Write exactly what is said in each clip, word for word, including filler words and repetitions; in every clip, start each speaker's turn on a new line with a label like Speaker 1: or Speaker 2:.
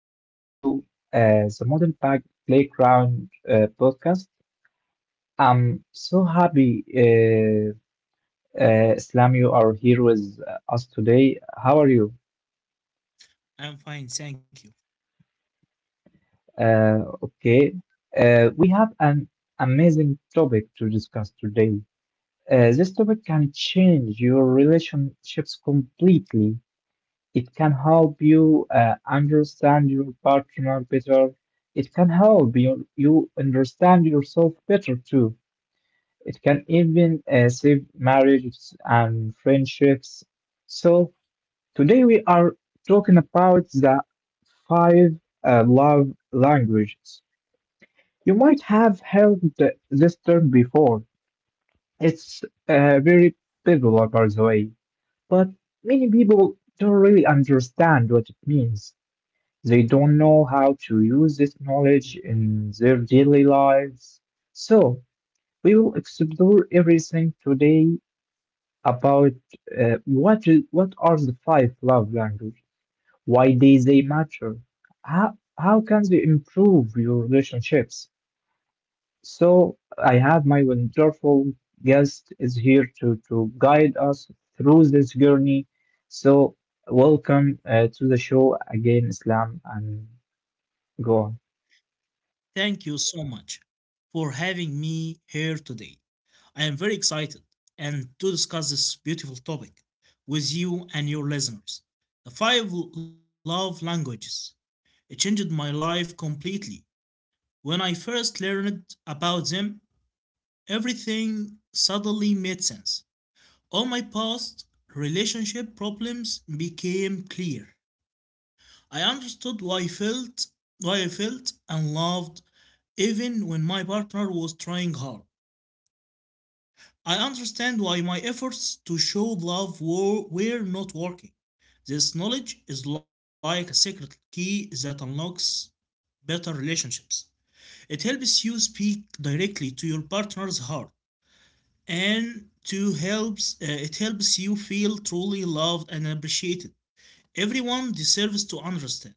Speaker 1: welcome to uh, the Modern Pack Playground uh, podcast. I'm so happy, uh, uh, Islam, you are here with us today. How are you?
Speaker 2: I'm fine, thank you.
Speaker 1: Uh, okay. Uh, we have an amazing topic to discuss today. Uh, this topic can change your relationships completely. It can help you uh, understand your partner better. It can help you, you understand yourself better too. It can even uh, save marriages and friendships. So, today we are talking about the five uh, love languages. You might have heard th- this term before. It's uh, very popular, by the way, but many people don't really understand what it means. They don't know how to use this knowledge in their daily lives. So, we will explore everything today about uh, what is, what are the five love languages, why they, they matter, how, how can they improve your relationships. So, I have my wonderful guest is here to, to guide us through this journey. So, welcome uh, to the show again, Islam, and go on.
Speaker 2: Thank you so much for having me here today. I am very excited and to discuss this beautiful topic with you and your listeners. The five love languages. It changed my life completely. When I first learned about them, everything suddenly made sense. All my past relationship problems became clear. I understood why I felt why I felt and loved even when my partner was trying hard. I understand why my efforts to show love were, were not working. This knowledge is like a secret key that unlocks better relationships. It helps you speak directly to your partner's heart and to helps uh, it helps you feel truly loved and appreciated. Everyone deserves to understand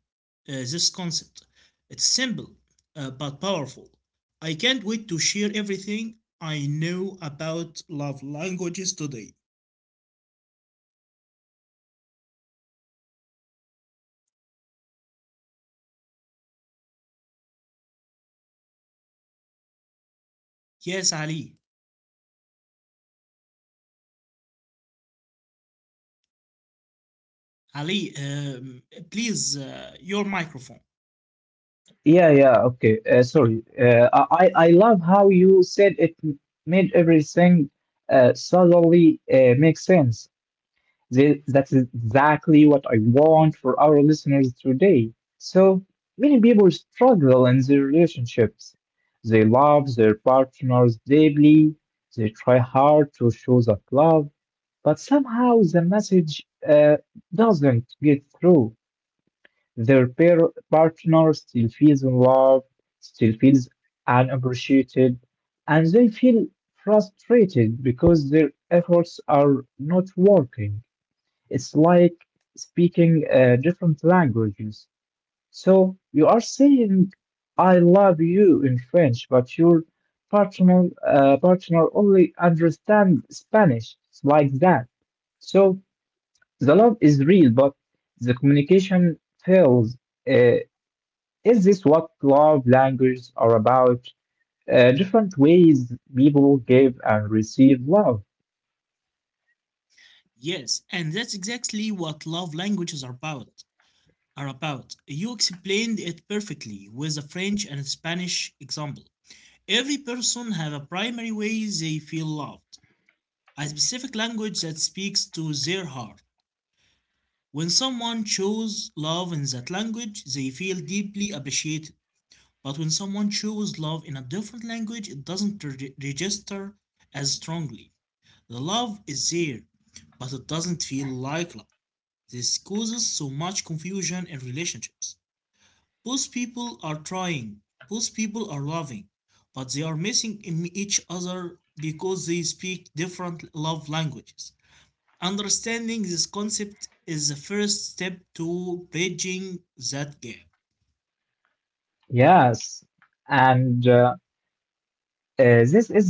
Speaker 2: uh, this concept. It's simple uh, but powerful. I can't wait to share everything I know about love languages today. Yes, Ali. Ali, um, Please, uh, your microphone.
Speaker 1: Yeah, yeah, okay. Uh, sorry. Uh, I I I love how you said it m- made everything uh, suddenly uh, make sense. Th- That's exactly what I want for our listeners today. So many people struggle in their relationships. They love their partners deeply. They try hard to show that love, but somehow the message uh, doesn't get through. Their pair partner still feels unloved, still feels unappreciated, and they feel frustrated because their efforts are not working. It's like speaking uh, different languages. So you are saying "I love you" in French, but your partner uh, partner only understand Spanish. It's like that. So the love is real, but the communication fails. Uh, is this what love languages are about? Uh, different ways people give and receive love.
Speaker 2: Yes, and that's exactly what love languages are about. Are about. You explained it perfectly with the French and Spanish example. Every person have a primary way they feel loved, a specific language that speaks to their heart. When someone shows love in that language, they feel deeply appreciated. But when someone shows love in a different language, it doesn't re- register as strongly. The love is there, but it doesn't feel like love. This causes so much confusion in relationships. Both people are trying, both people are loving, but they are missing each other because they speak different love languages. Understanding this concept is the first step to bridging that gap.
Speaker 1: Yes, and uh, uh, this is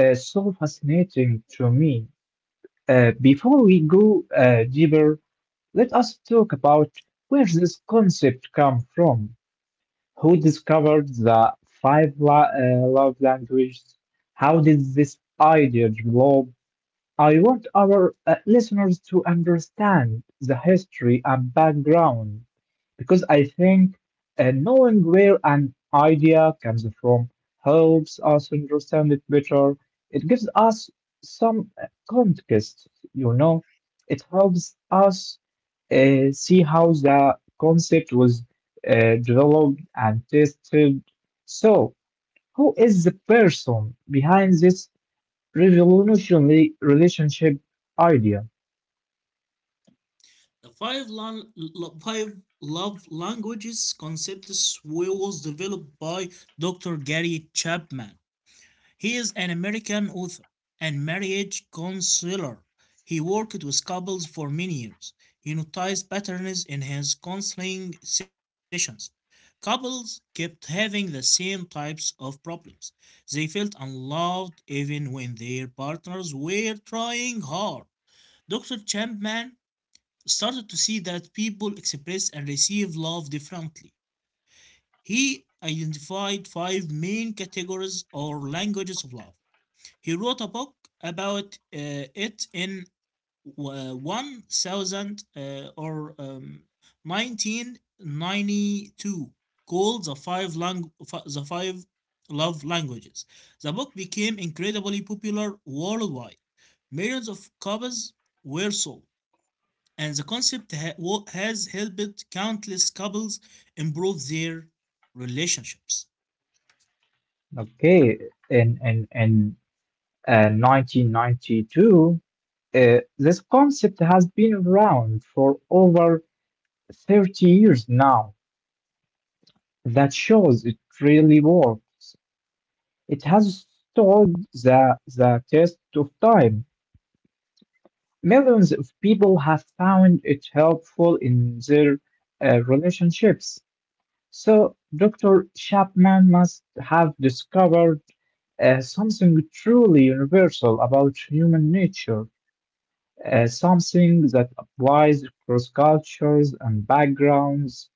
Speaker 1: uh, so fascinating to me. Uh, before we go uh, deeper, let us talk about where this concept come from. Who discovered the five la- uh, love languages? How did this idea develop? I want our uh, listeners to understand the history and background because I think uh, knowing where an idea comes from helps us understand it better. It gives us some uh, context, you know. It helps us uh, see how the concept was uh, developed and tested. So, who is the person behind this revolutionary relationship idea.
Speaker 2: The five, lan- lo- five love languages concepts was developed by Doctor Gary Chapman. He is an American author and marriage counselor. He worked with couples for many years. He noticed patterns in his counseling sessions. Couples kept having the same types of problems. They felt unloved even when their partners were trying hard. Doctor Chapman started to see that people express and receive love differently. He identified five main categories or languages of love. He wrote a book about uh, it in uh, one thousand uh, or um, nineteen ninety-two, called the five lang- the five love languages. The book became incredibly popular worldwide. Millions of copies were sold, and the concept ha- has helped countless couples improve their relationships.
Speaker 1: Okay, in in in uh, nineteen ninety-two, uh, this concept has been around for over thirty years now. That shows it really works. It has stood the the test of time. Millions of people have found it helpful in their uh, relationships. So, doctor Chapman must have discovered uh, something truly universal about human nature, uh, something that applies across cultures and backgrounds.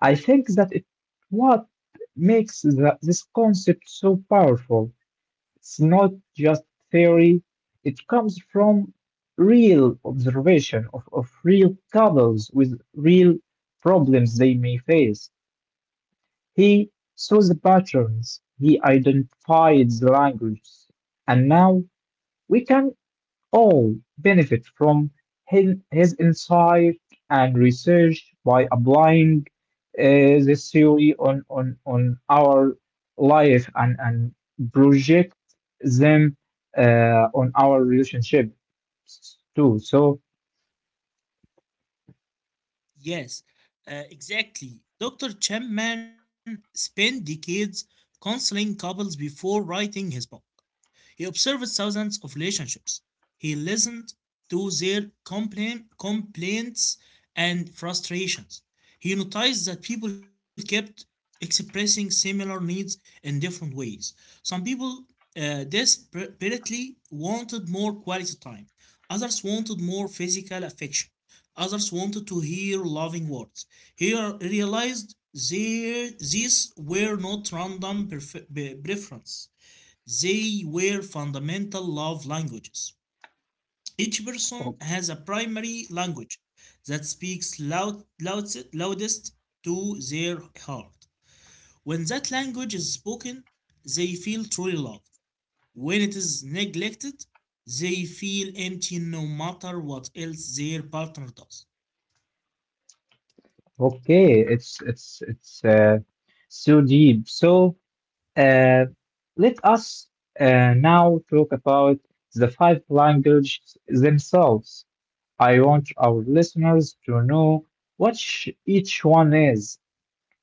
Speaker 1: I think that it what makes the, this concept so powerful. It's not just theory; it comes from real observation of, of real couples with real problems they may face. He saw the patterns, he identified the language, and now we can all benefit from his, his insight and research by applying uh, this theory on, on, on our life and, and project them uh, on our relationship s- too. So,
Speaker 2: Yes, uh, exactly. Doctor Chapman spent decades counseling couples before writing his book. He observed thousands of relationships. He listened to their complain, complaints and frustrations. He noticed that people kept expressing similar needs in different ways. Some people uh, desperately wanted more quality time, others wanted more physical affection, others wanted to hear loving words. He realized they, these were not random prefer- preferences, they were fundamental love languages. Each person
Speaker 1: o-
Speaker 2: has a primary language that speaks loud, loudest, loudest to their heart. When that language is spoken, they feel truly loved. When it is neglected, they feel empty no matter what else their partner does.
Speaker 1: okay, it's it's it's uh, so deep. So, uh, let us uh, now talk about the five languages themselves. I want our listeners to know what sh- each one is.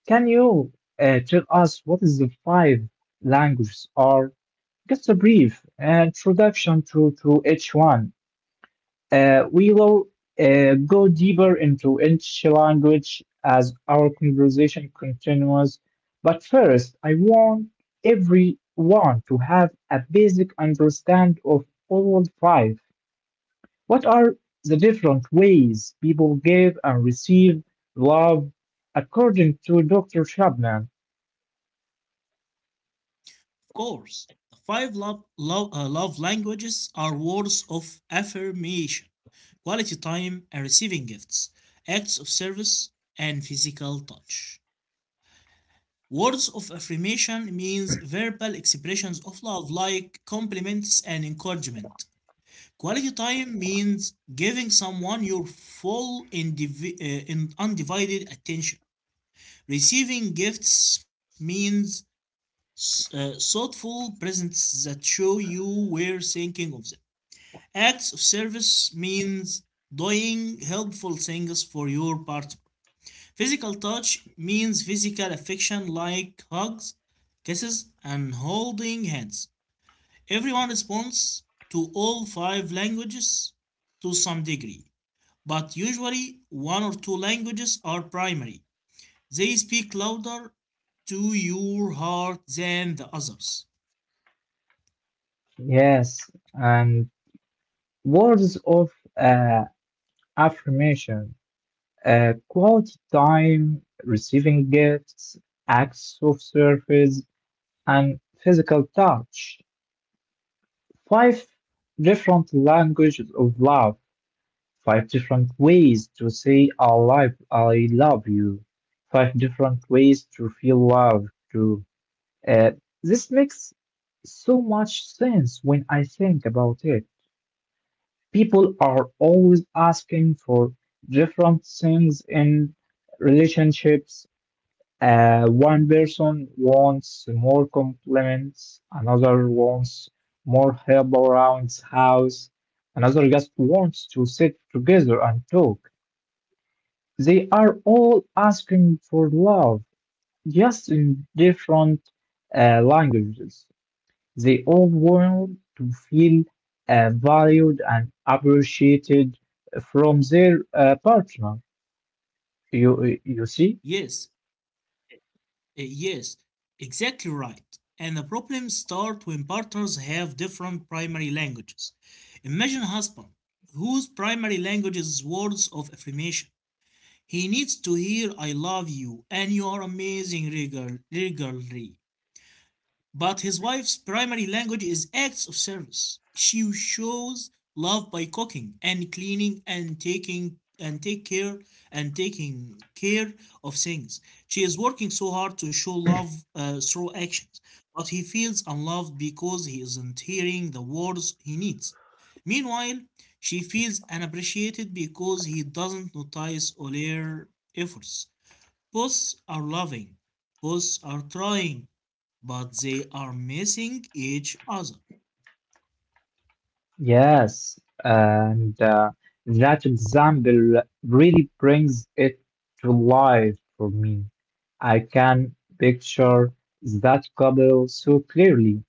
Speaker 1: Can you uh, tell us what is the five languages are? Just a brief uh, introduction to, to each one. Uh, we will uh, go deeper into each language as our conversation continues. But first, I want everyone to have a basic understand of all five. What are the different ways people give and receive love according to doctor Chapman?
Speaker 2: Of course, the five love, love, uh, love languages are words of affirmation, quality time and receiving gifts, acts of service, and physical touch. Words of affirmation means verbal expressions of love like compliments and encouragement. Quality time means giving someone your full indivi- uh, in- undivided attention. Receiving gifts means uh, thoughtful presents that show you were thinking of them. Acts of service means doing helpful things for your partner. Physical touch means physical affection like hugs, kisses, and holding hands. Everyone responds to all five languages to some degree, but usually one or two languages are primary. They speak louder to your heart than the others.
Speaker 1: Yes, and words of uh, affirmation, uh, quality time, receiving gifts, acts of service, and physical touch. Five different languages of love. Five different ways to say I love, I love you. Five different ways to feel love too. Uh, this makes so much sense when I think about it. People are always asking for different things in relationships. Uh, one person wants more compliments, another wants more help around house, another just wants to sit together and talk. They are all asking for love, just in different uh, languages. They all want to feel uh, valued and appreciated from their uh, partner. You, you see?
Speaker 2: Yes. Uh, Yes, exactly right. And the problems start when partners have different primary languages. Imagine a husband whose primary language is words of affirmation. He needs to hear I love you and you are amazing regular- regularly. But his wife's primary language is acts of service. She shows love by cooking and cleaning and taking and take care and taking care of things. She is working so hard to show love uh, through actions, but he feels unloved because he isn't hearing the words he needs. Meanwhile, she feels unappreciated because he doesn't notice all her efforts. Both are loving, both are trying, but they are missing each other.
Speaker 1: Yes, and uh, that example really brings it to life for me. I can picture that couple so clearly.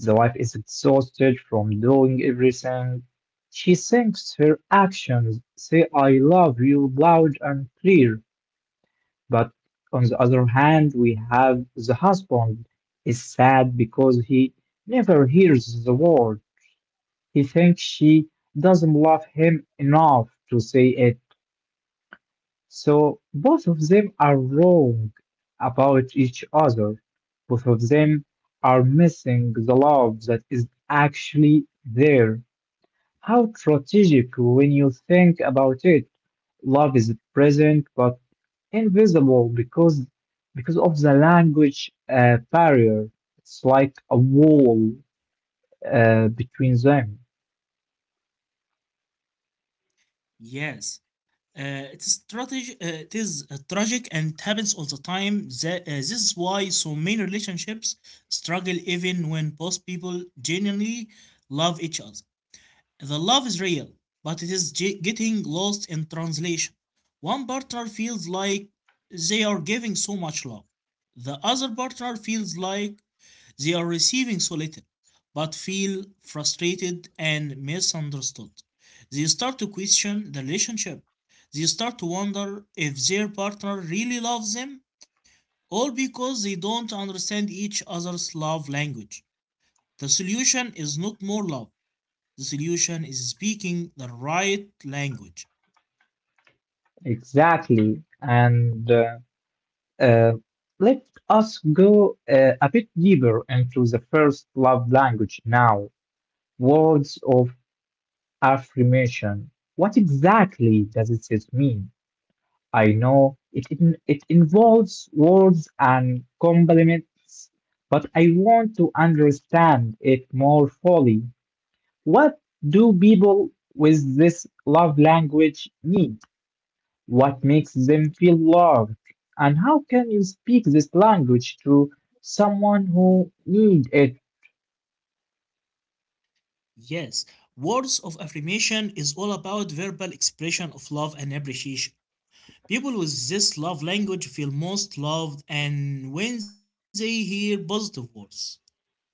Speaker 1: The wife is exhausted from doing everything. She thinks her actions say, I love you loud and clear. But on the other hand, we have the husband is sad because he never hears the word he thinks she doesn't love him enough to say it. So both of them are wrong about each other. Both of them are missing the love that is actually there. How strategic when you think about it. Love is present but invisible because because of the language uh, barrier. It's like a wall uh, between them.
Speaker 2: Yes, uh, it's strategy. Uh, it is uh, tragic and it happens all the time. That, uh, this is why so many relationships struggle even when both people genuinely love each other. The love is real, but it is ge- getting lost in translation. One partner feels like they are giving so much love. The other partner feels like they are receiving so little, but feel frustrated and misunderstood. They start to question the relationship. They start to wonder if their partner really loves them, all because they don't understand each other's love language. The solution is not more love. The solution is speaking the right language.
Speaker 1: Exactly. And uh, Uh, let us go uh, a bit deeper into the first love language now, words of affirmation. What exactly does it mean? I know it, it, it involves words and compliments, but I want to understand it more fully. What do people with this love language mean? What makes them feel loved? And how can you speak this language to someone who need it?
Speaker 2: Yes, words of affirmation is all about verbal expression of love and appreciation. People with this love language feel most loved and when they hear positive words,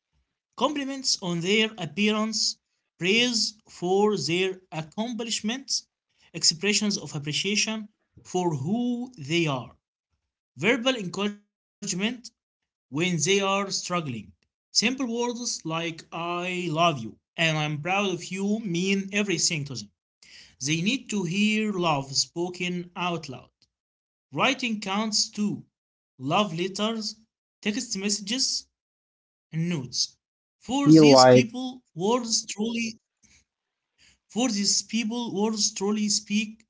Speaker 2: compliments on their appearance, praise for their accomplishments, expressions of appreciation for who they are, verbal encouragement when they are
Speaker 1: Okay,
Speaker 2: struggling.
Speaker 1: uh,
Speaker 2: Simple
Speaker 1: that's
Speaker 2: words
Speaker 1: deep.
Speaker 2: like
Speaker 1: So
Speaker 2: I love you and
Speaker 1: for
Speaker 2: I'm proud of
Speaker 1: uh,
Speaker 2: you mean everything to them.
Speaker 1: these
Speaker 2: They need
Speaker 1: people,
Speaker 2: to hear
Speaker 1: uh,
Speaker 2: love
Speaker 1: uh,
Speaker 2: spoken
Speaker 1: uh,
Speaker 2: out loud.
Speaker 1: words
Speaker 2: Writing
Speaker 1: should
Speaker 2: counts
Speaker 1: speak
Speaker 2: too.
Speaker 1: louder than
Speaker 2: Love letters,
Speaker 1: action.
Speaker 2: text messages,
Speaker 1: Uh,
Speaker 2: and notes.
Speaker 1: silence uh,
Speaker 2: For
Speaker 1: feel
Speaker 2: these
Speaker 1: like
Speaker 2: people, words truly for these people, words truly speak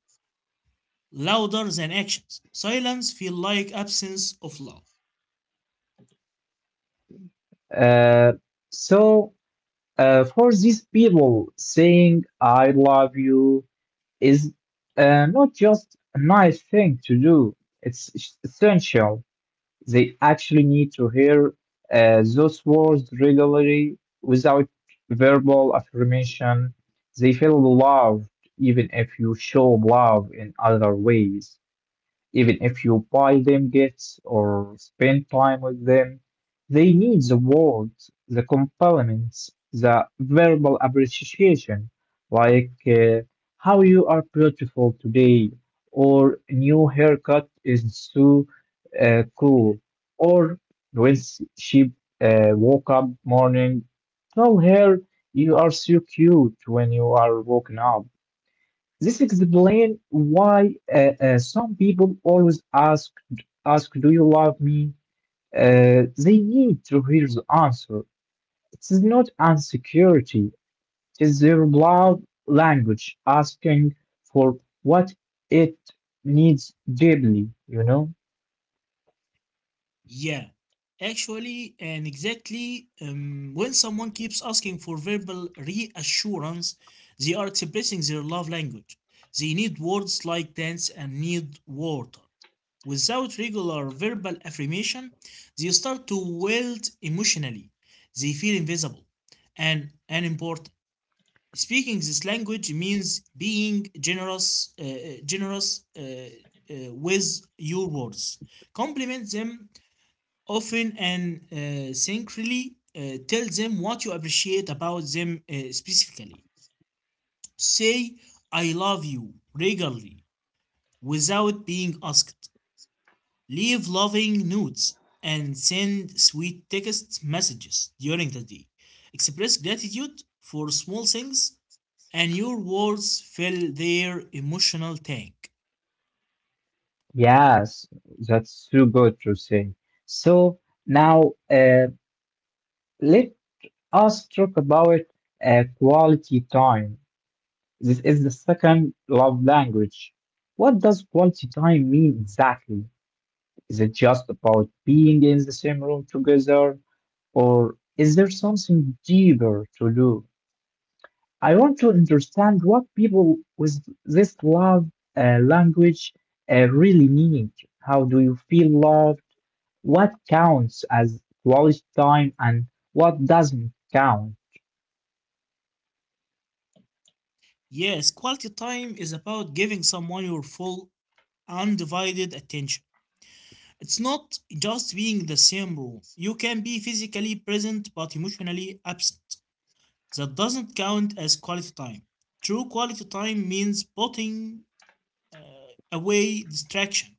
Speaker 2: louder than actions. Silence feel like absence of love.
Speaker 1: uh, so uh, for these people saying I love you is uh, not just a nice thing to do, it's essential. They actually need to hear uh, those words regularly without verbal affirmation. They feel loved even if you show love in other ways. Even if you buy them gifts or spend time with them, they need the words, the compliments, the verbal appreciation, like uh, how you are beautiful today, or new haircut is so uh, cool, or when s- she uh, woke up morning, tell her you are so cute when you are woken up this explains why uh, uh, some people always ask, ask, "Do you love me?" Uh, they need to hear the answer. It is not insecurity; it is their love language asking for what it needs deeply. You know?
Speaker 2: Yeah, actually and exactly. Um, when someone keeps asking for verbal reassurance, they are expressing their love language. They need words like dance and need water. Without regular verbal affirmation, they start to wilt emotionally. They feel invisible and unimportant. Speaking this language means being generous, uh, uh, generous uh, uh, with your words. Compliment them often and uh, sincerely. Uh, tell them what you appreciate about them uh, specifically. Say "I love you" regularly without being asked. Leave loving notes and send sweet text messages during the day. Express gratitude for small things and your words fill their emotional tank.
Speaker 1: Yes, that's too good to say. So now, uh, let us talk about uh, quality time. This is the second love language. What does quality time mean exactly? Is it just about being in the same room together, or is there something deeper to do? I want to understand what people with this love uh, language uh, really need. How do you feel loved? What counts as quality time and what doesn't count?
Speaker 2: Yes, quality time is about giving someone your full, undivided attention. It's not just being the same room. You can be physically present but emotionally absent. That doesn't count as quality time. True quality time means putting away distraction.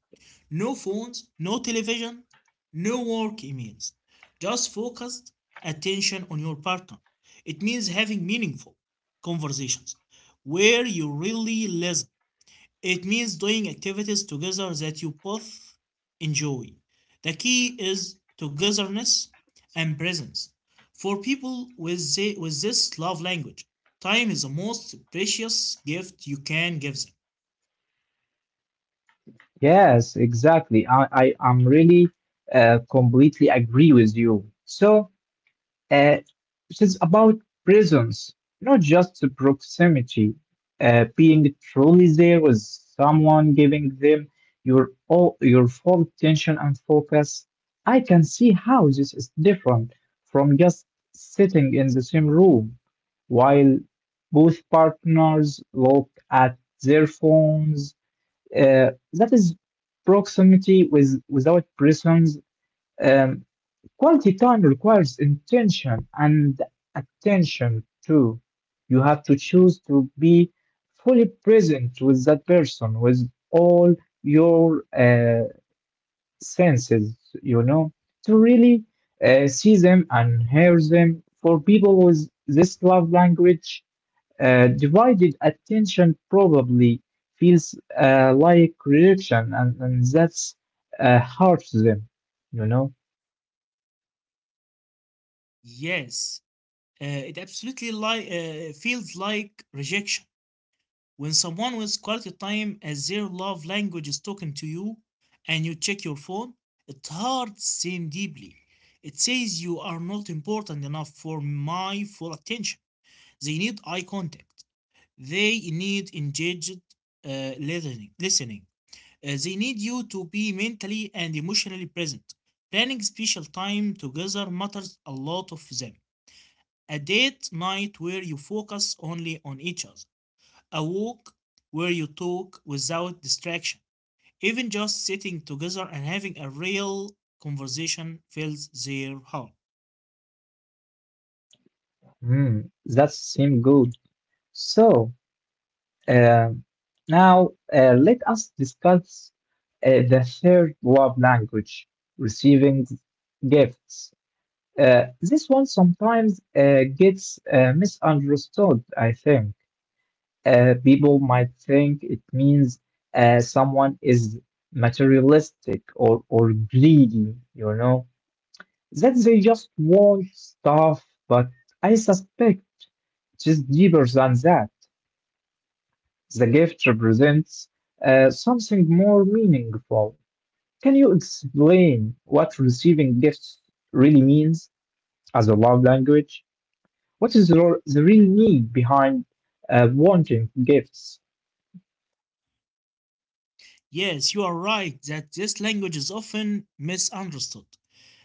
Speaker 2: No phones, no television, no work emails. Just focused attention on your partner. It means having meaningful conversations where you really listen. It means doing activities together that you both enjoy. The key is togetherness and presence. For people with, the, with this love language, time is the most precious gift you can give them.
Speaker 1: Yes, exactly. I, I I'm really uh, completely agree with you. So uh, it is about presence, not just the proximity, uh, being truly there with someone, giving them your all your full attention and focus. I can see how this is different from just sitting in the same room while both partners look at their phones. Uh, that is proximity with, without presence. Um, quality time requires intention and attention too. You have to choose to be fully present with that person, with all your uh, senses, you know, to really uh, see them and hear them. For people with this love language, uh, divided attention probably feels uh, like rejection, and, and that's uh, hard to them, you know.
Speaker 2: Yes, Uh, it absolutely li- uh, feels like rejection. When someone with quality time as their love language is talking to you and you check your phone, it hurts them deeply. It says you are not important enough for my full attention. They need eye contact. They need engaged uh, listening. listening. Uh, they need you to be mentally and emotionally present. Planning special time together matters a lot of them, a date night where you focus only on each other. A walk where you talk without distraction. Even just sitting together and having a real conversation fills their heart.
Speaker 1: Mm, that seems good. So uh, now uh, let us discuss uh, the third love language, receiving gifts. Uh, this one sometimes uh, gets uh, misunderstood, I think. Uh, people might think it means uh, someone is materialistic or, or greedy, you know, that they just want stuff, but I suspect it is deeper than that. The gift represents uh, something more meaningful. Can you explain what receiving gifts really means as a love language? What is the r- the real need behind uh, wanting gifts?
Speaker 2: Yes, you are right that this language is often misunderstood.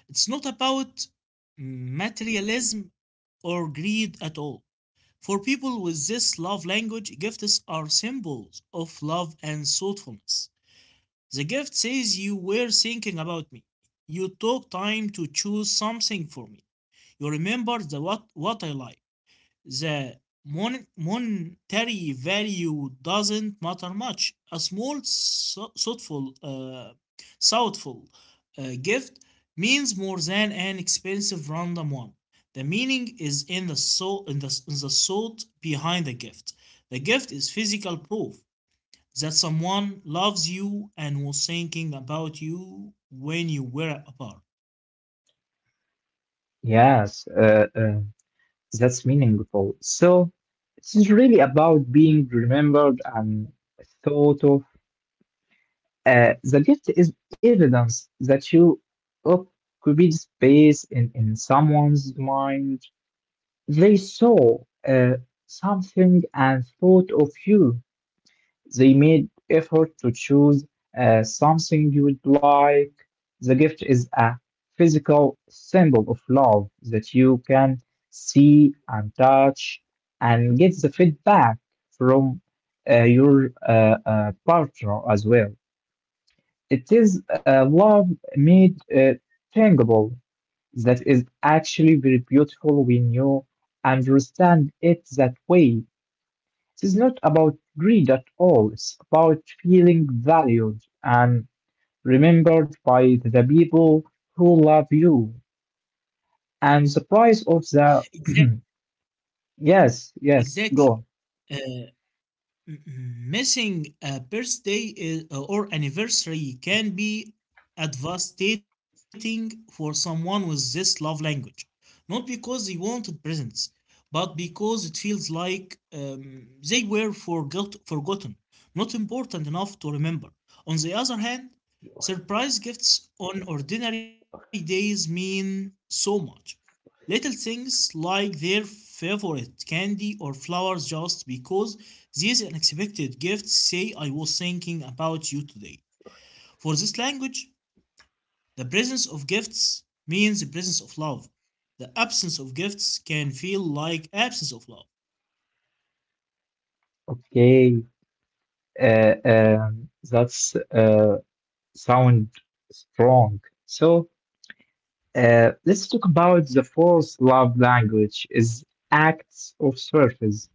Speaker 2: It's not about materialism or greed at all. For people with this love language, gifts are symbols of love and thoughtfulness. The gift says you were thinking about me. You took time to choose something for me. You remember the what, what I like. The mon- monetary value doesn't matter much. A small, so- thoughtful, uh, thoughtful uh, gift means more than an expensive random one. The meaning is in the soul, in the, in the thought behind the gift. The gift is physical proof that someone loves you and was thinking about you when you were apart.
Speaker 1: Yes, uh, uh, that's meaningful. So it is really about being remembered and thought of. Uh, the gift is evidence that you occupied space in, in someone's mind. They saw uh, something and thought of you. They made effort to choose uh, something you would like. The gift is a physical symbol of love that you can see and touch and get the feedback from uh, your uh, uh, partner as well. It is uh, love made uh, tangible that is actually very beautiful when you understand it that way. It is not about greed at all. It's about feeling valued and remembered by the people who love you. And the price of the
Speaker 2: Exact,
Speaker 1: yes, yes,
Speaker 2: exactly.
Speaker 1: go.
Speaker 2: Uh, Missing a birthday is, or anniversary can be devastating for someone with this love language. Not because they wanted presents, but because it feels like um, they were forgot- forgotten, not important enough to remember. On the other hand, surprise gifts on ordinary days mean so much. Little things like their favorite candy or flowers just because these unexpected gifts say I was thinking about you today. For this language, the presence of gifts means the presence of love. The absence of gifts can feel like absence of love.
Speaker 1: Okay, uh, um, that's uh, sound strong. So uh, let's talk about the fourth love language is acts of service.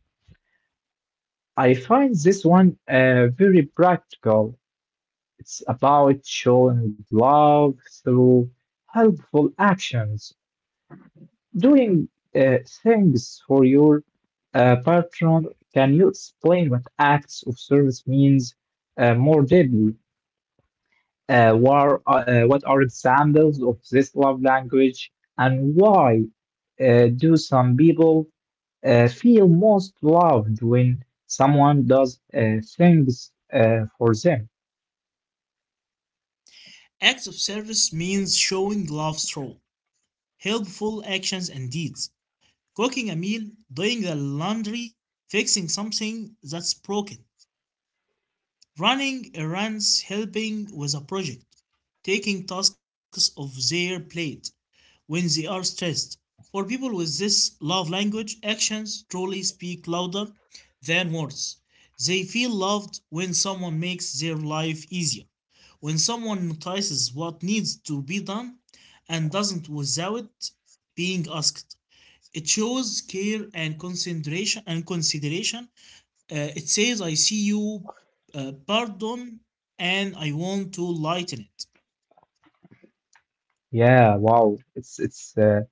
Speaker 1: I find this one uh, very practical. It's about showing love through helpful actions, doing uh, things for your uh, partner. Can you explain what acts of service means uh, more deeply? Uh, what, are, uh, what are examples of this love language, and why uh, do some people uh, feel most loved when someone does uh, things uh, for them?
Speaker 2: Acts of service means showing love through helpful actions and deeds. Cooking a meal, doing the laundry, fixing something that's broken. Running errands, helping with a project, taking tasks off their plate when they are stressed. For people with this love language, actions truly speak louder than words. They feel loved when someone makes their life easier, when someone notices what needs to be done and doesn't without being asked. It shows care and consideration and consideration, uh, it says, I see you, uh, pardon, and I want to lighten it.
Speaker 1: Yeah, wow. It's it's uh,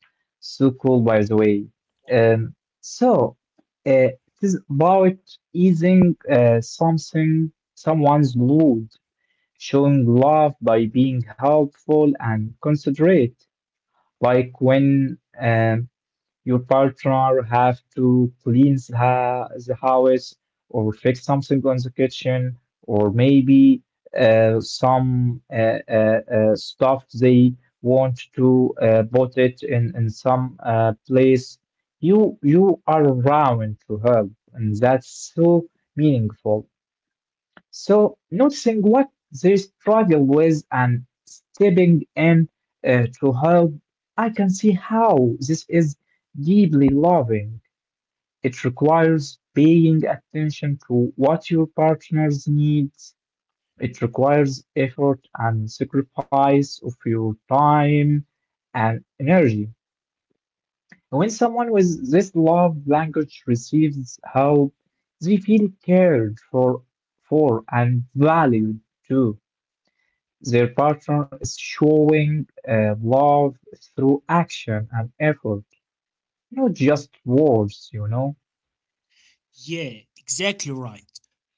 Speaker 1: so cool by the way. Um, so uh, it is about easing uh, something someone's load, showing love by being helpful and considerate. Like when um, your partner have to clean the ha- the house or fix something on the kitchen or maybe uh, some uh, uh, uh, stuff they want to uh, put it in, in some uh, place. You you are around to help, and that's so meaningful. So, noticing what they struggle with and stepping in uh, to help, I can see how this is deeply loving. It requires paying attention to what your partner's needs. It requires effort and sacrifice of your time and energy. When someone with this love language receives help, they feel cared for, for and valued too. Their partner is showing uh, love through action and effort, not just words, you know?
Speaker 2: Yeah, exactly right.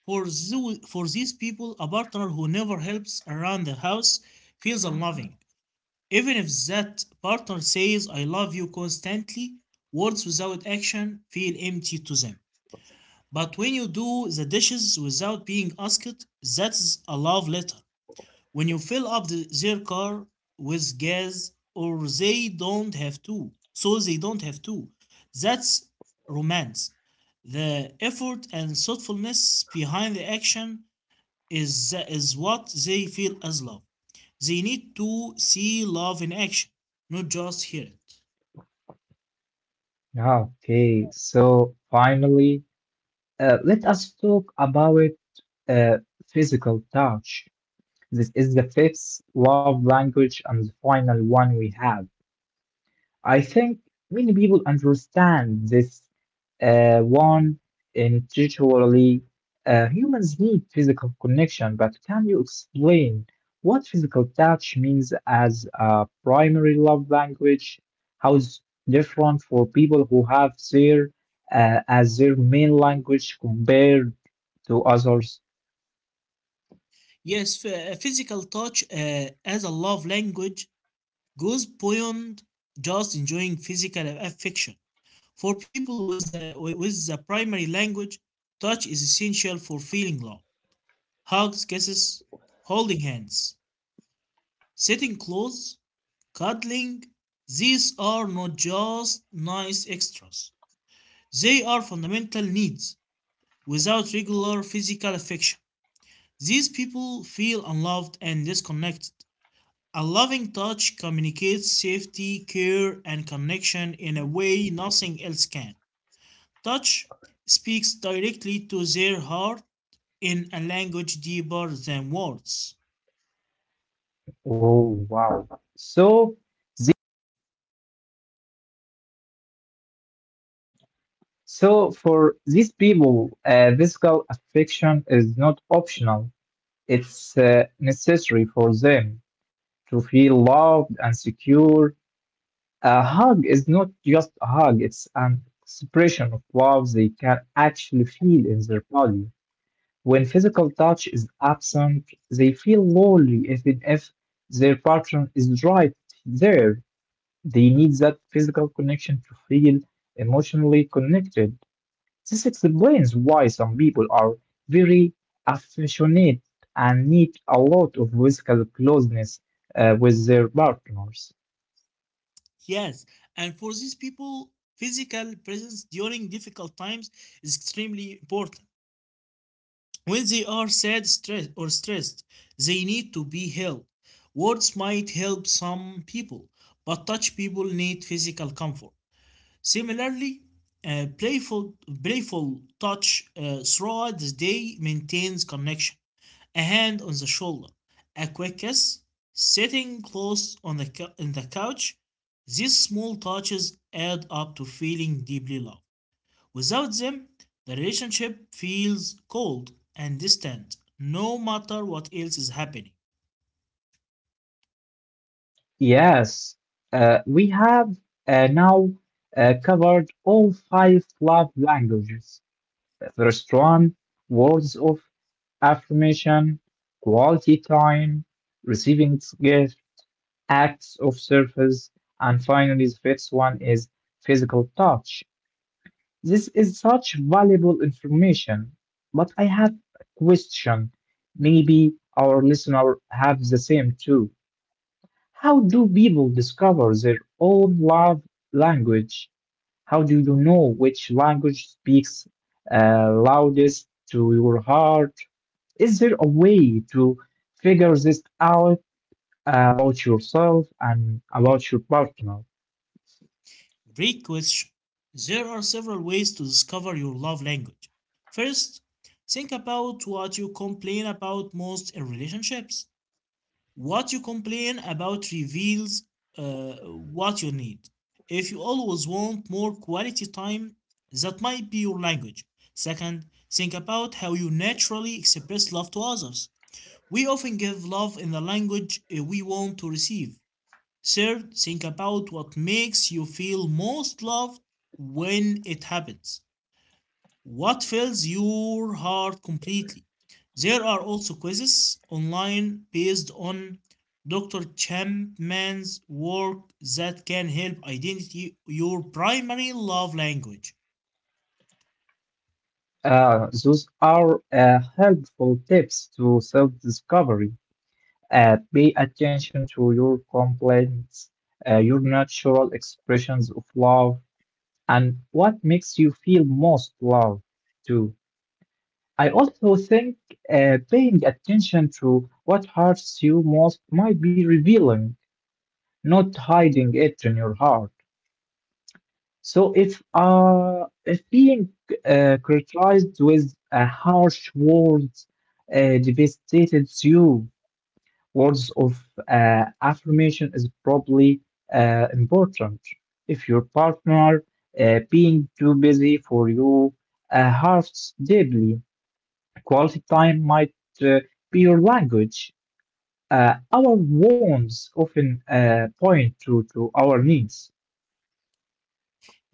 Speaker 2: For, tho- for these people, a partner who never helps around the house feels unloving. Even if that partner says, "I love you" constantly, words without action feel empty to them. But when you do the dishes without being asked, that's a love letter. When you fill up the, their car with gas or they don't have to so they don't have to that's romance. The effort and thoughtfulness behind the action is is what they feel as love. They need to see love in action, not just hear it.
Speaker 1: Yeah, okay, so finally, uh, let us talk about uh, physical touch. This is the fifth love language and the final one we have. I think many people understand this uh, one intuitively. Uh, humans need physical connection, but can you explain what physical touch means as a primary love language? How it's different for people who have their uh, as their main language compared to others?
Speaker 2: Yes, physical touch uh, as a love language goes beyond just enjoying physical affection. For people with the, with the primary language, touch is essential for feeling love. Hugs, kisses, holding hands, sitting close, cuddling, these are not just nice extras. They are fundamental needs. Without regular physical affection, these people feel unloved and disconnected. A loving touch communicates safety, care, and connection in a way nothing else can. Touch speaks directly to their heart in a language deeper than words.
Speaker 1: Oh, wow. So, so for these people, uh, physical affection is not optional. It's uh, necessary for them to feel loved and secure. A hug is not just a hug, it's an expression of love they can actually feel in their body. When physical touch is absent, they feel lonely even if their partner is right there. They need that physical connection to feel emotionally connected. This explains why some people are very affectionate and need a lot of physical closeness uh, with their partners.
Speaker 2: Yes, and for these people, physical presence during difficult times is extremely important. When they are sad, stressed, or stressed, they need to be held. Words might help some people, but touch people need physical comfort. Similarly, uh, playful, playful touch uh, throughout the day maintains connection. A hand on the shoulder, a quick kiss, sitting close on the in the couch. These small touches add up to feeling deeply loved. Without them, the relationship feels cold and distant, no matter what else is happening.
Speaker 1: Yes, uh, we have uh, now uh, covered all five love languages. The first one, words of affirmation, quality time, receiving gifts, acts of service, and finally, the fifth one is physical touch. This is such valuable information, but I have a question. Maybe our listener have the same too. How do people discover their own love language? How do you know which language speaks uh, loudest to your heart? Is there a way to figure this out about yourself and about your partner?
Speaker 2: Great question. There are several ways to discover your love language. First, think about what you complain about most in relationships. What you complain about reveals uh, what you need. If you always want more quality time, that might be your language. Second, think about how you naturally express love to others. We often give love in the language uh, we want to receive. Third, think about what makes you feel most loved when it happens. What fills your heart completely? There are also quizzes online based on Doctor Chapman's work that can help identify your primary love language.
Speaker 1: Uh, those are uh, helpful tips to self discovery. Uh, pay attention to your complaints, uh, your natural expressions of love, and what makes you feel most loved, too. I also think uh, paying attention to what hurts you most might be revealing, not hiding it in your heart. So if uh, if being uh, criticized with uh, harsh words uh, devastates you, words of uh, affirmation is probably uh, important. If your partner uh, being too busy for you uh, hurts deeply, quality time might uh, be your language. Uh, our wants often uh, point to, to our needs.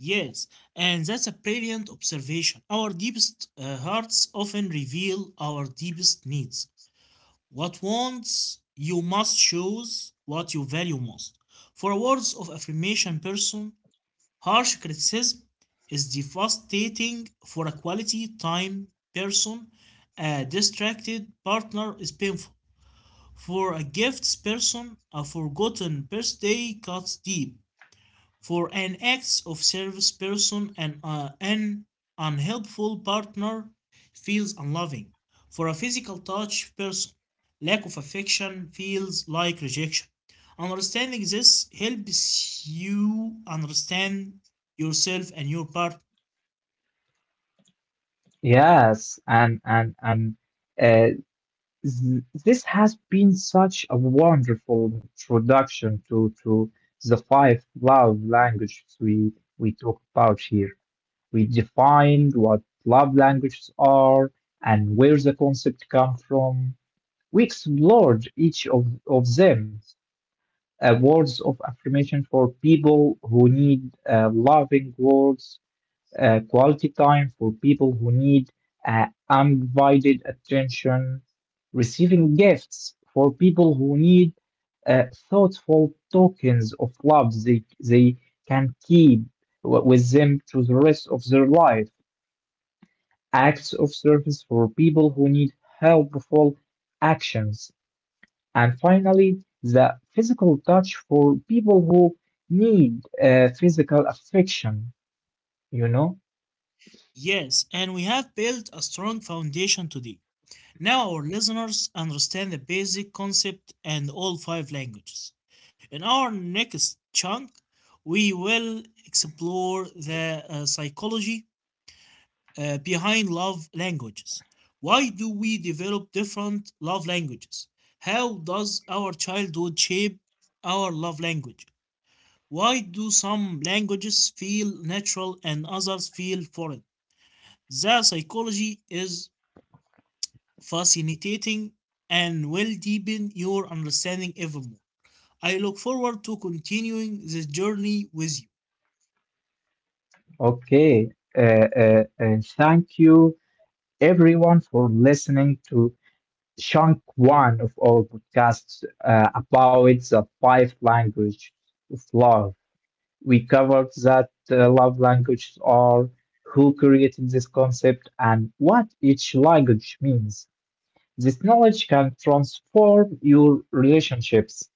Speaker 2: Yes, and that's a brilliant observation. Our deepest uh, hearts often reveal our deepest needs. What wants you must choose what you value most. For a words of affirmation person, harsh criticism is devastating. For a quality time person, a distracted partner is painful. For a gifts person, a forgotten birthday cuts deep. For an acts of service person and uh, an unhelpful partner feels unloving. For a physical touch person, lack of affection feels like rejection. Understanding this helps you understand yourself and your partner.
Speaker 1: Yes, and and and uh, Th- this has been such a wonderful introduction to, to the five love languages we, we talk about here. We defined what love languages are and where the concept come from. We explored each of, of them, uh, words of affirmation for people who need uh, loving words, uh, quality time for people who need uh, undivided attention, receiving gifts for people who need uh, thoughtful tokens of love they, they can keep w- with them to the rest of their life, acts of service for people who need helpful actions, and finally, the physical touch for people who need uh, physical affection, you know?
Speaker 2: Yes, and we have built a strong foundation today. Now our listeners understand the basic concept and all five languages. In our next chunk, we will explore the uh, psychology uh, behind love languages. Why do we develop different love languages? How does our childhood shape our love language? Why do some languages feel natural and others feel foreign? The psychology is fascinating, and will deepen your understanding even more. I look forward to continuing this journey with you.
Speaker 1: Okay. Uh, uh, uh, thank you, everyone, for listening to chunk one of our podcasts uh, about the five language of love. We covered that uh, love languages are, who created this concept, and what each language means. This knowledge can transform your relationships.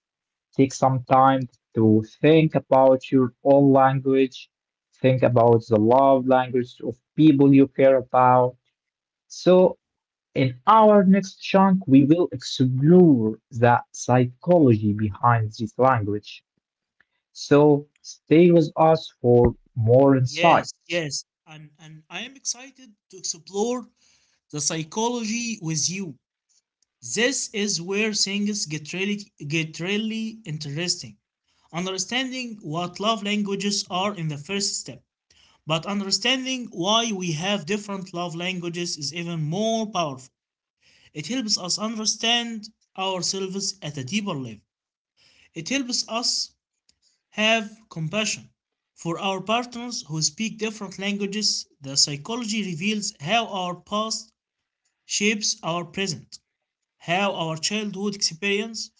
Speaker 1: Take some time to think about your own language, think about the love language of people you care about. So, in our next chunk, we will explore the psychology behind this language. So, stay with us for more
Speaker 2: Yes,
Speaker 1: insights.
Speaker 2: yes, and, and I am excited to explore the psychology with you. This is where things get really, get really interesting. Understanding what love languages are in the first step, but understanding why we have different love languages is even more powerful. It helps us understand ourselves at a deeper level. It helps us have compassion for our partners who speak different languages. The psychology reveals how our past shapes our present, how our childhood experience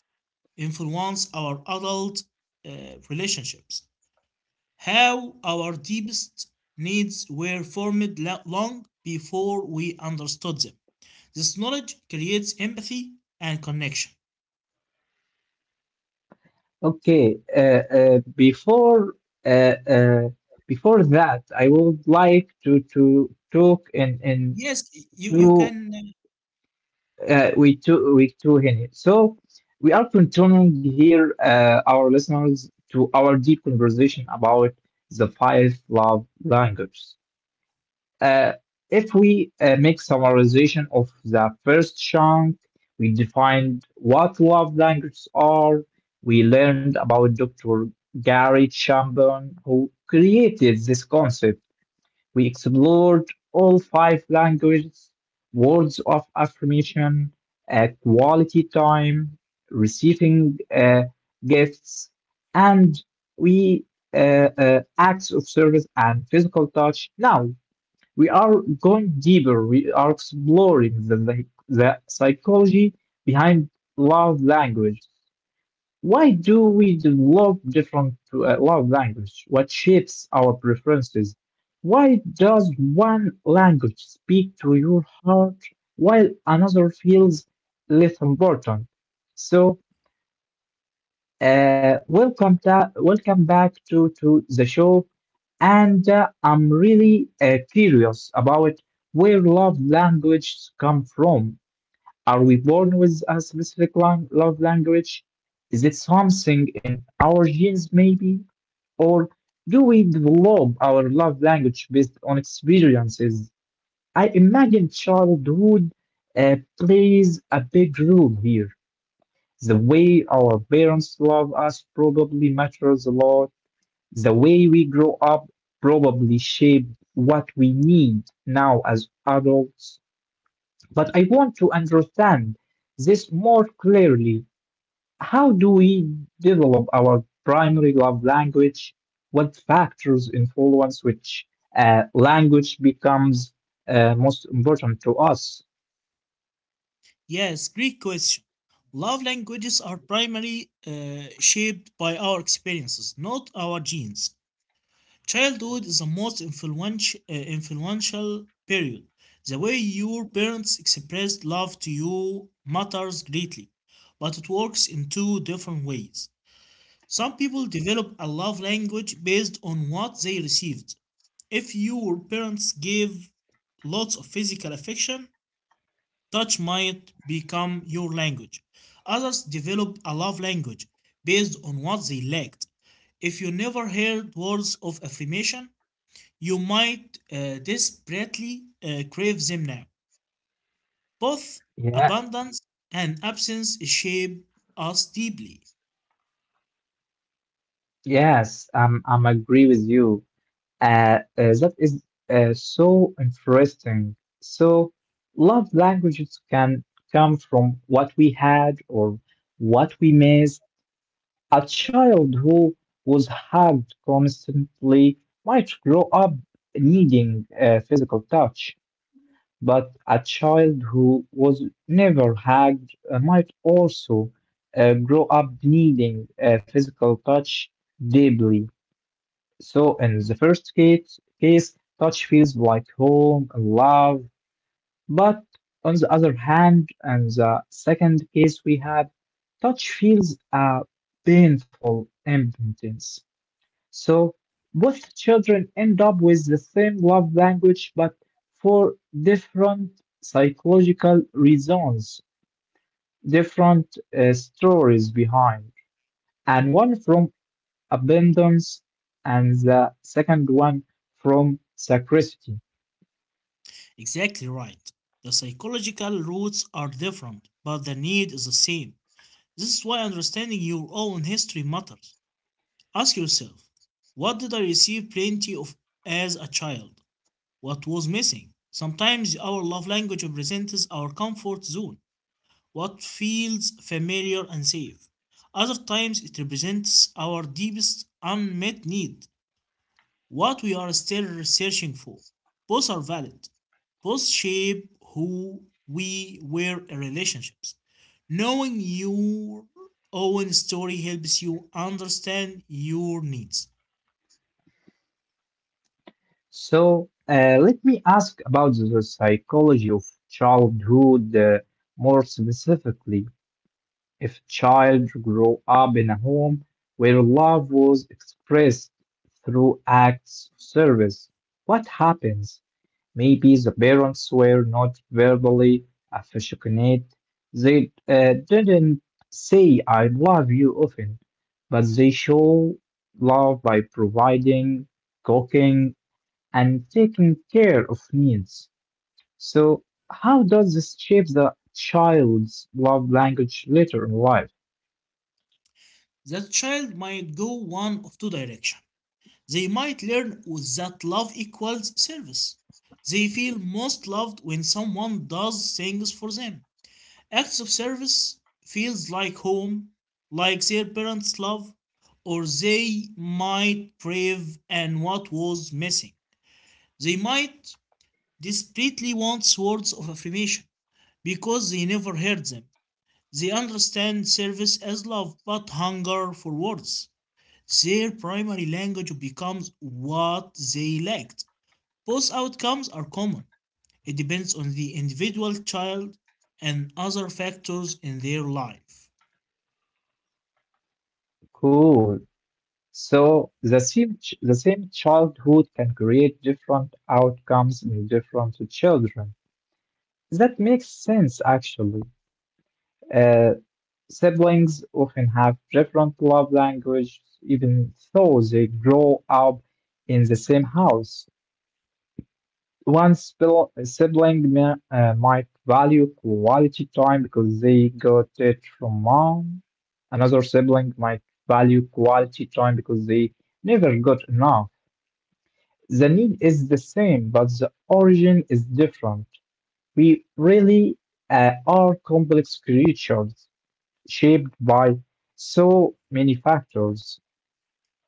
Speaker 2: influence our adult uh, relationships, how our deepest needs were formed long before we understood them. This knowledge creates empathy and connection.
Speaker 1: Okay, uh, uh, before uh, uh, before that, I would like to to talk in in
Speaker 2: Yes, you you
Speaker 1: two
Speaker 2: can. uh,
Speaker 1: uh, week two, week two here. So we are continuing here, uh, our listeners, to our deep conversation about the five love languages. Uh, if we uh, make summarization of the first chunk, we defined what love languages are. We learned about Doctor Gary Chapman who created this concept. We explored all five languages, words of affirmation, uh, quality time, receiving uh, gifts, and we uh, uh, acts of service and physical touch. Now we are going deeper. We are exploring the, the, the psychology behind love language. Why do we develop different uh, love language? What shapes our preferences? Why does one language speak to your heart while another feels less important? So, uh, welcome ta- welcome back to to the show, and uh, I'm really uh, curious about where love languages come from. Are we born with a specific lang love language? Is it something in our genes, maybe? Or do we develop our love language based on experiences? I imagine childhood uh, plays a big role here. The way our parents love us probably matters a lot. The way we grow up probably shaped what we need now as adults. But I want to understand this more clearly. How do we develop our primary love language? What factors influence which uh, language becomes uh, most important to us?
Speaker 2: Yes, great question. Love languages are primarily uh, shaped by our experiences, not our genes. Childhood is the most influential uh, influential period. The way your parents expressed love to you matters greatly, but it works in two different ways. Some people develop a love language based on what they received. If your parents gave lots of physical affection, touch might become your language. Others develop a love language based on what they lacked. If you never heard words of affirmation, you might uh, desperately uh, crave them now. Both
Speaker 1: Yeah,
Speaker 2: abundance and absence shape us deeply.
Speaker 1: yes, um, I'm agree with you. Uh, uh, that is uh, so interesting. So, love languages can come from what we had or what we missed. A child who was hugged constantly might grow up needing uh, physical touch, but a child who was never hugged uh, might also uh, grow up needing uh, physical touch deeply. So, in the first case, case, touch feels like home and love, but on the other hand, in the second case we have, touch feels a painful impotence. So both children end up with the same love language, but for different psychological reasons, different uh, stories behind. And one from abundance, and the second one from scarcity.
Speaker 2: Exactly right. The psychological roots are different, but the need is the same. This is why understanding your own history matters. Ask yourself, what did I receive plenty of as a child? What was missing? Sometimes our love language represents our comfort zone, what feels familiar and safe. Other times it represents our deepest unmet need, what we are still searching for. Both are valid. Both shape who we were in relationships. Knowing your own story helps you understand your needs.
Speaker 1: So uh, let me ask about the psychology of childhood uh, more specifically. If a child grew up in a home where love was expressed through acts of service, what happens? Maybe the parents were not verbally affectionate. They uh, didn't say, I love you often, but they show love by providing, cooking, and taking care of needs. So, how does this shape the child's love language later in life?
Speaker 2: The child might go one of two directions. They might learn with that love equals service. They feel most loved when someone does things for them. Acts of service feels like home, like their parents' love, or they might crave and what was missing. They might desperately want words of affirmation because they never heard them. They understand service as love but hunger for words. Their primary language becomes what they lacked. Both outcomes are common. It depends on the individual child and other factors in their life.
Speaker 1: Cool. So the same ch- the same childhood can create different outcomes in different children. That makes sense, actually. Uh, Siblings often have different love language, even though they grow up in the same house. One spil- sibling may, uh, might value quality time because they got it from mom. Another sibling might value quality time because they never got enough. The need is the same, but the origin is different. We really uh, are complex creatures shaped by so many factors.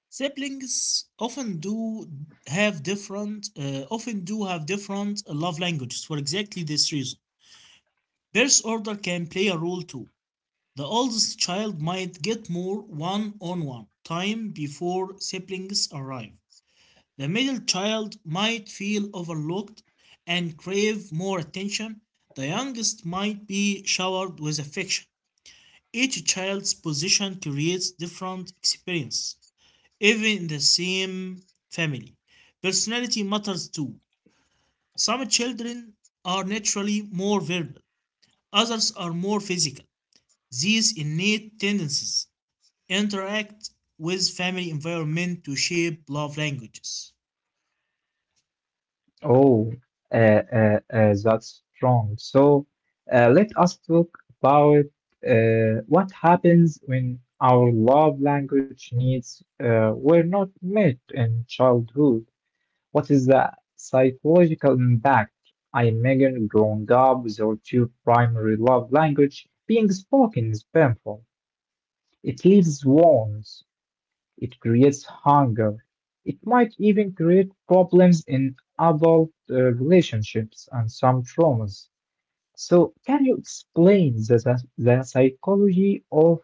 Speaker 2: Siblings often do have different, uh, often do have different love languages for exactly this reason. Birth order can play a role too. The oldest child might get more one-on-one time before siblings arrive. The middle child might feel overlooked and crave more attention; the youngest might be showered with affection. Each child's position creates different experiences, even in the same family. Personality matters too. Some children are naturally more verbal, others are more physical. These innate tendencies interact with family environment to shape love languages.
Speaker 1: Oh, uh, uh, uh, that's strong. So uh, let us talk about uh, what happens when our love language needs uh, were not met in childhood. What is the psychological impact? I imagine growing up without your primary love language being spoken is painful. It leaves wounds. It creates hunger. It might even create problems in adult uh, relationships and some traumas. So, can you explain the, the, the psychology of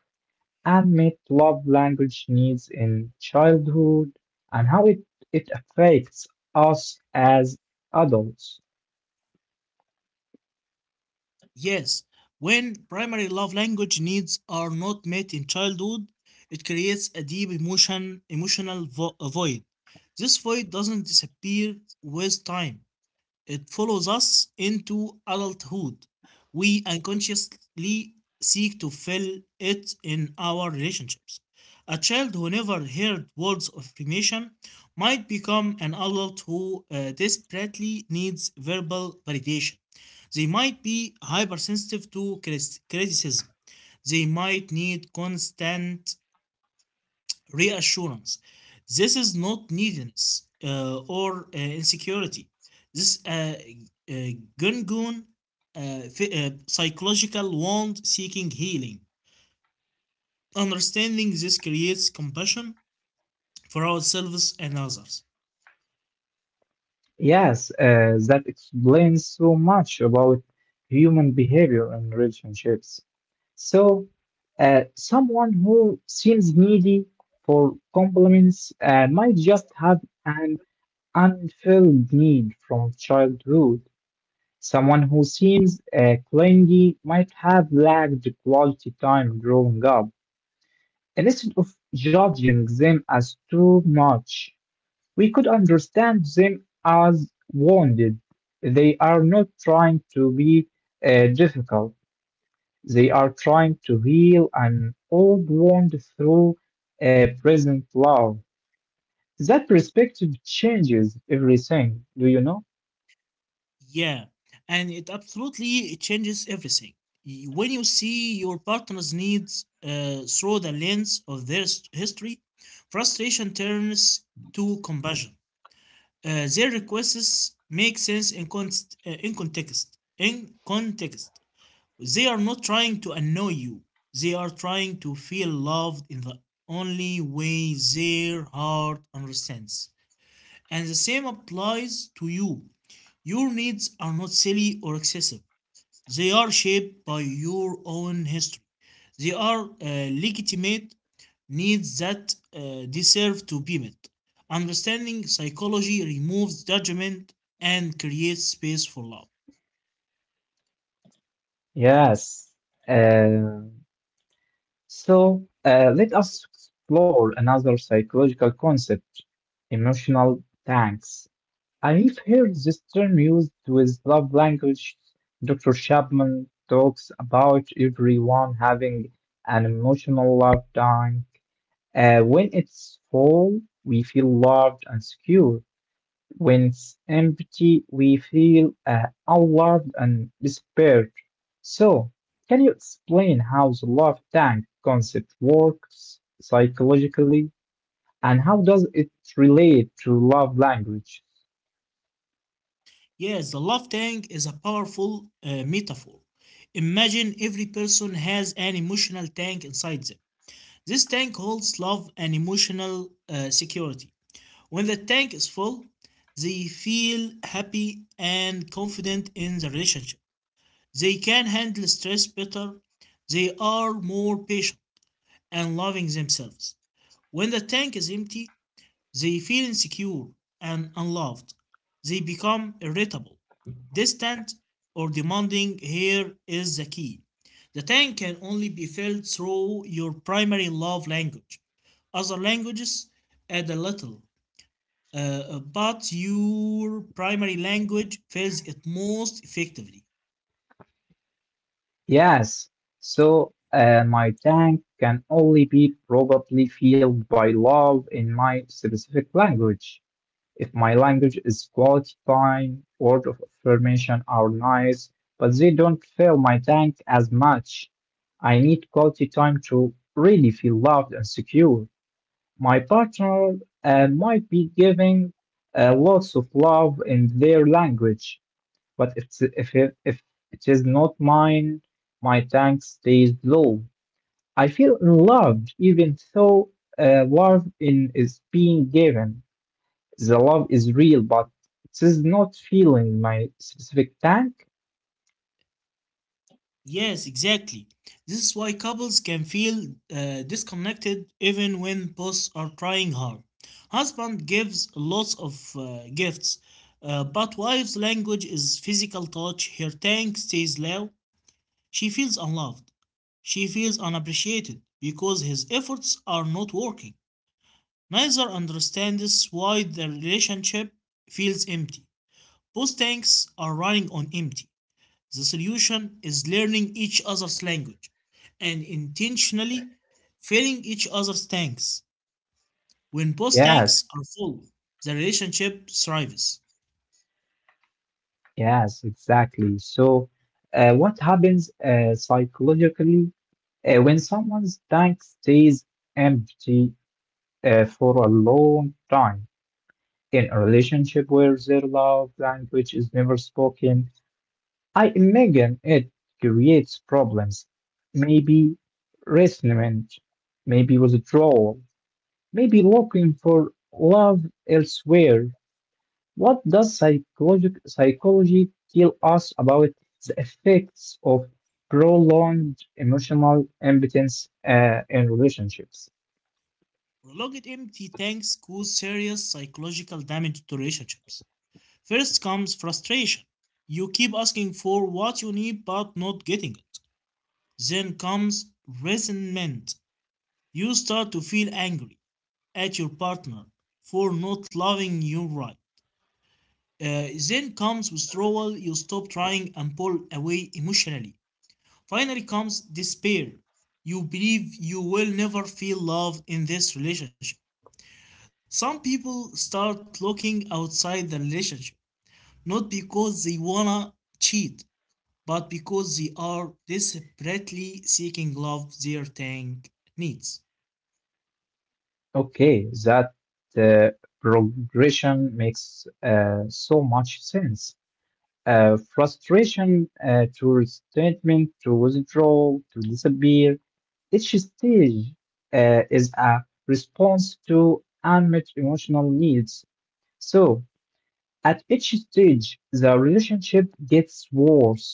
Speaker 1: and met love language needs in childhood and how it, it affects us as adults.
Speaker 2: Yes, when primary love language needs are not met in childhood, it creates a deep emotion, emotional vo- void. This void doesn't disappear with time, it follows us into adulthood. We unconsciously seek to fill it in our relationships. A child who never heard words of affirmation might become an adult who uh, desperately needs verbal validation. They might be hypersensitive to criticism. They might need constant reassurance. This is not neediness uh, or uh, insecurity. This uh, uh, gungun uh, uh, psychological wound seeking healing. Understanding this creates compassion for ourselves and others.
Speaker 1: Yes, uh, that explains so much about human behavior and relationships. So, uh, someone who seems needy for compliments uh, might just have an unfilled need from childhood. Someone who seems uh, clingy might have lacked quality time growing up. Instead of judging them as too much, we could understand them as wounded. They are not trying to be uh, difficult, they are trying to heal an old wound through uh, present love. That perspective changes everything, do you know?
Speaker 2: Yeah, and it absolutely changes everything. Y- When you see your partner's needs uh, through the lens of their s- history, frustration turns to compassion. Uh, their requests make sense in, const- uh, in context. In context, they are not trying to annoy you. They are trying to feel loved in the only way their heart understands. And the same applies to you. Your needs are not silly or excessive. They are shaped by your own history. They are uh, legitimate needs that uh, deserve to be met. Understanding psychology removes judgment and creates space for love.
Speaker 1: Yes. Uh, So, uh, let us explore another psychological concept, emotional tanks. I've heard this term used with love language. Doctor Chapman talks about everyone having an emotional love tank. Uh, when it's full, we feel loved and secure. When it's empty, we feel uh, unloved and despaired. So, can you explain how the love tank concept works psychologically and how does it relate to love language?
Speaker 2: Yes, the love tank is a powerful uh, metaphor. Imagine every person has an emotional tank inside them. This tank holds love and emotional uh, security. When the tank is full, they feel happy and confident in the relationship. They can handle stress better. They are more patient and loving themselves. When the tank is empty, they feel insecure and unloved. They become irritable, distant, or demanding. Here is the key: the tank can only be filled through your primary love language. Other languages add a little, uh, but your primary language fills it most effectively.
Speaker 1: Yes, so uh, my tank can only be probably filled by love in my specific language. If my language is quality time, word of affirmation are nice, but they don't fill my tank as much. I need quality time to really feel loved and secure. My partner uh, might be giving uh, lots of love in their language, but if, if, it, if it is not mine, my tank stays low. I feel unloved even though uh, love in is being given. The love is real, but it is not feeling my specific tank.
Speaker 2: Yes, exactly. This is why couples can feel uh, disconnected even when both are trying hard. Husband gives lots of uh, gifts, uh, but wife's language is physical touch. Her tank stays low. She feels unloved. She feels unappreciated because his efforts are not working. Neither understands why the relationship feels empty. Both tanks are running on empty. The solution is learning each other's language and intentionally filling each other's tanks. When both
Speaker 1: Yes,
Speaker 2: tanks are full, the relationship thrives.
Speaker 1: yes, exactly. So, uh, what happens uh, psychologically uh, when someone's tank stays empty uh, for a long time in a relationship where their love language is never spoken? I imagine it creates problems, maybe resentment, maybe withdrawal, maybe looking for love elsewhere. What does psychologic psychology tell us about the effects of prolonged emotional impotence uh, in relationships?
Speaker 2: Prolonged empty tanks cause serious psychological damage to relationships. First comes frustration. You keep asking for what you need but not getting it. Then comes resentment. You start to feel angry at your partner for not loving you right. Uh, then comes withdrawal, you stop trying and pull away emotionally. Finally comes despair. You believe you will never feel loved in this relationship. Some people start looking outside the relationship, not because they wanna cheat, but because they are desperately seeking love their tank needs.
Speaker 1: Okay, that uh, progression makes uh, so much sense. Uh, frustration uh, to resentment, to withdrawal, to disappear, each stage uh, is a response to unmet emotional needs. So, at each stage, the relationship gets worse.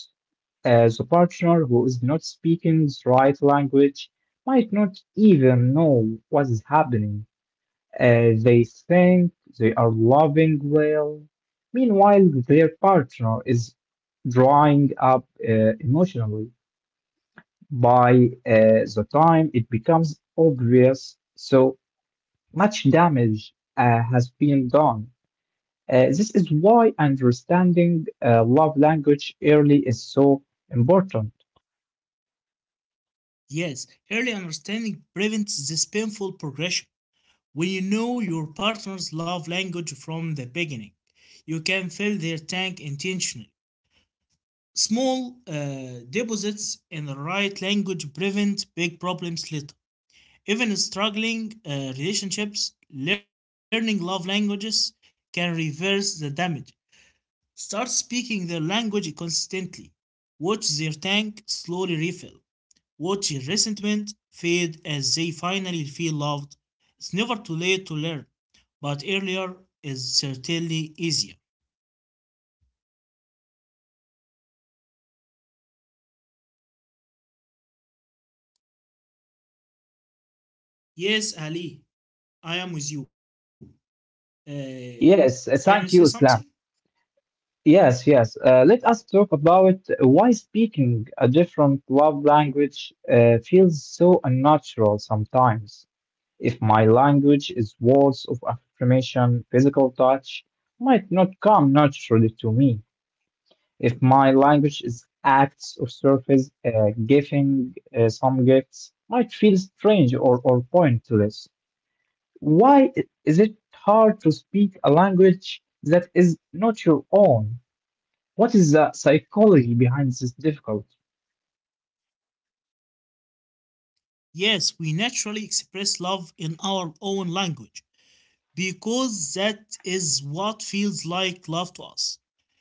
Speaker 1: Uh, the partner who is not speaking the right language might not even know what is happening. Uh, they think they are loving well. Meanwhile, their partner is drying up uh, emotionally by uh, the time it becomes obvious, so much damage uh, has been done. Uh, this is why understanding uh, love language early is so important.
Speaker 2: Yes, early understanding prevents this painful progression. When you know your partner's love language from the beginning, you can fill their tank intentionally. Small uh, deposits in the right language prevent big problems later. Even struggling uh, relationships, learning love languages can reverse the damage. Start speaking their language consistently. Watch their tank slowly refill. Watch resentment fade as they finally feel loved. It's never too late to learn, but earlier is certainly easier. Yes, Ali, I am with you. Uh, can you
Speaker 1: Yes, uh,
Speaker 2: say
Speaker 1: thank
Speaker 2: something?
Speaker 1: you, Islam. Yes, yes. Uh, let us talk about why speaking a different love language uh, feels so unnatural sometimes. If my language is words of affirmation, physical touch might not come naturally to me. If my language is acts of surface, uh, giving uh, some gifts might feel strange or, or pointless. Why i- is it hard to speak a language that is not your own? What is the psychology behind this difficulty?
Speaker 2: Yes, we naturally express love in our own language, because that is what feels like love to us.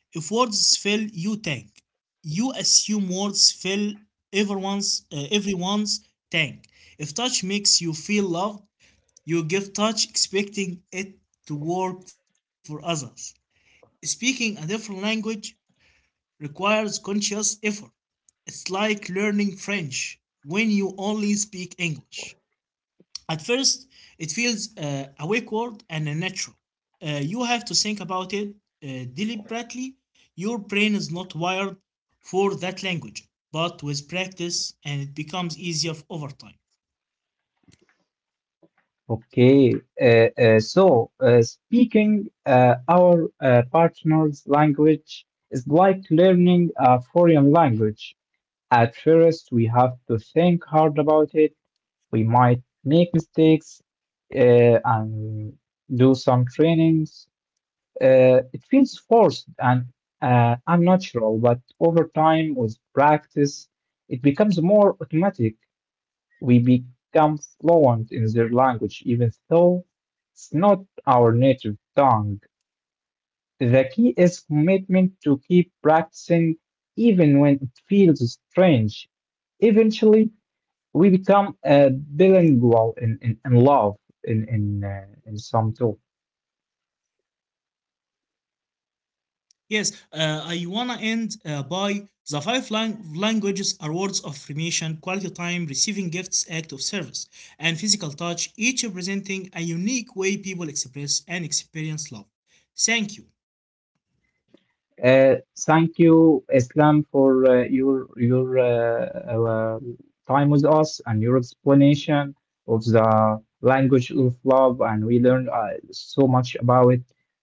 Speaker 2: If words fail, you tank. You assume words fail everyone's uh, everyone's tank. If touch makes you feel loved, you give touch expecting it to work for others. Speaking a different language requires conscious effort. It's like learning French when you only speak English. At first, it feels uh, awkward and unnatural. Uh, you have to think about it uh, deliberately. Your brain is not wired for that language, but with practice, and it becomes easier over time.
Speaker 1: Okay, uh, uh, so uh, speaking uh, our uh, partner's language is like learning a foreign language. At first, we have to think hard about it. We might make mistakes uh, and do some trainings. Uh, it feels forced and uh, unnatural, but over time, with practice, it becomes more automatic. We become fluent in their language, even though it's not our native tongue. The key is commitment to keep practicing even when it feels strange. Eventually, we become uh, bilingual in, in, in love in in, uh, in some too.
Speaker 2: Yes, uh, I wanna end uh, by the five lang- languages are words of affirmation, quality time, receiving gifts, act of service, and physical touch, each representing a unique way people express and experience love. Thank you.
Speaker 1: Uh, Thank you, Islam, for uh, your your uh, uh, time with us and your explanation of the language of love, and we learned uh, so much about it.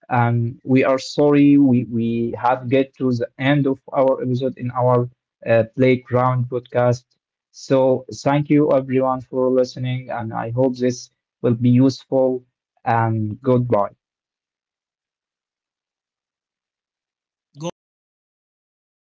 Speaker 1: Um, we are sorry we we have get to the end of our episode in our uh, playground podcast. So thank you everyone for listening, and I hope this will be useful. And goodbye.
Speaker 2: Goodbye.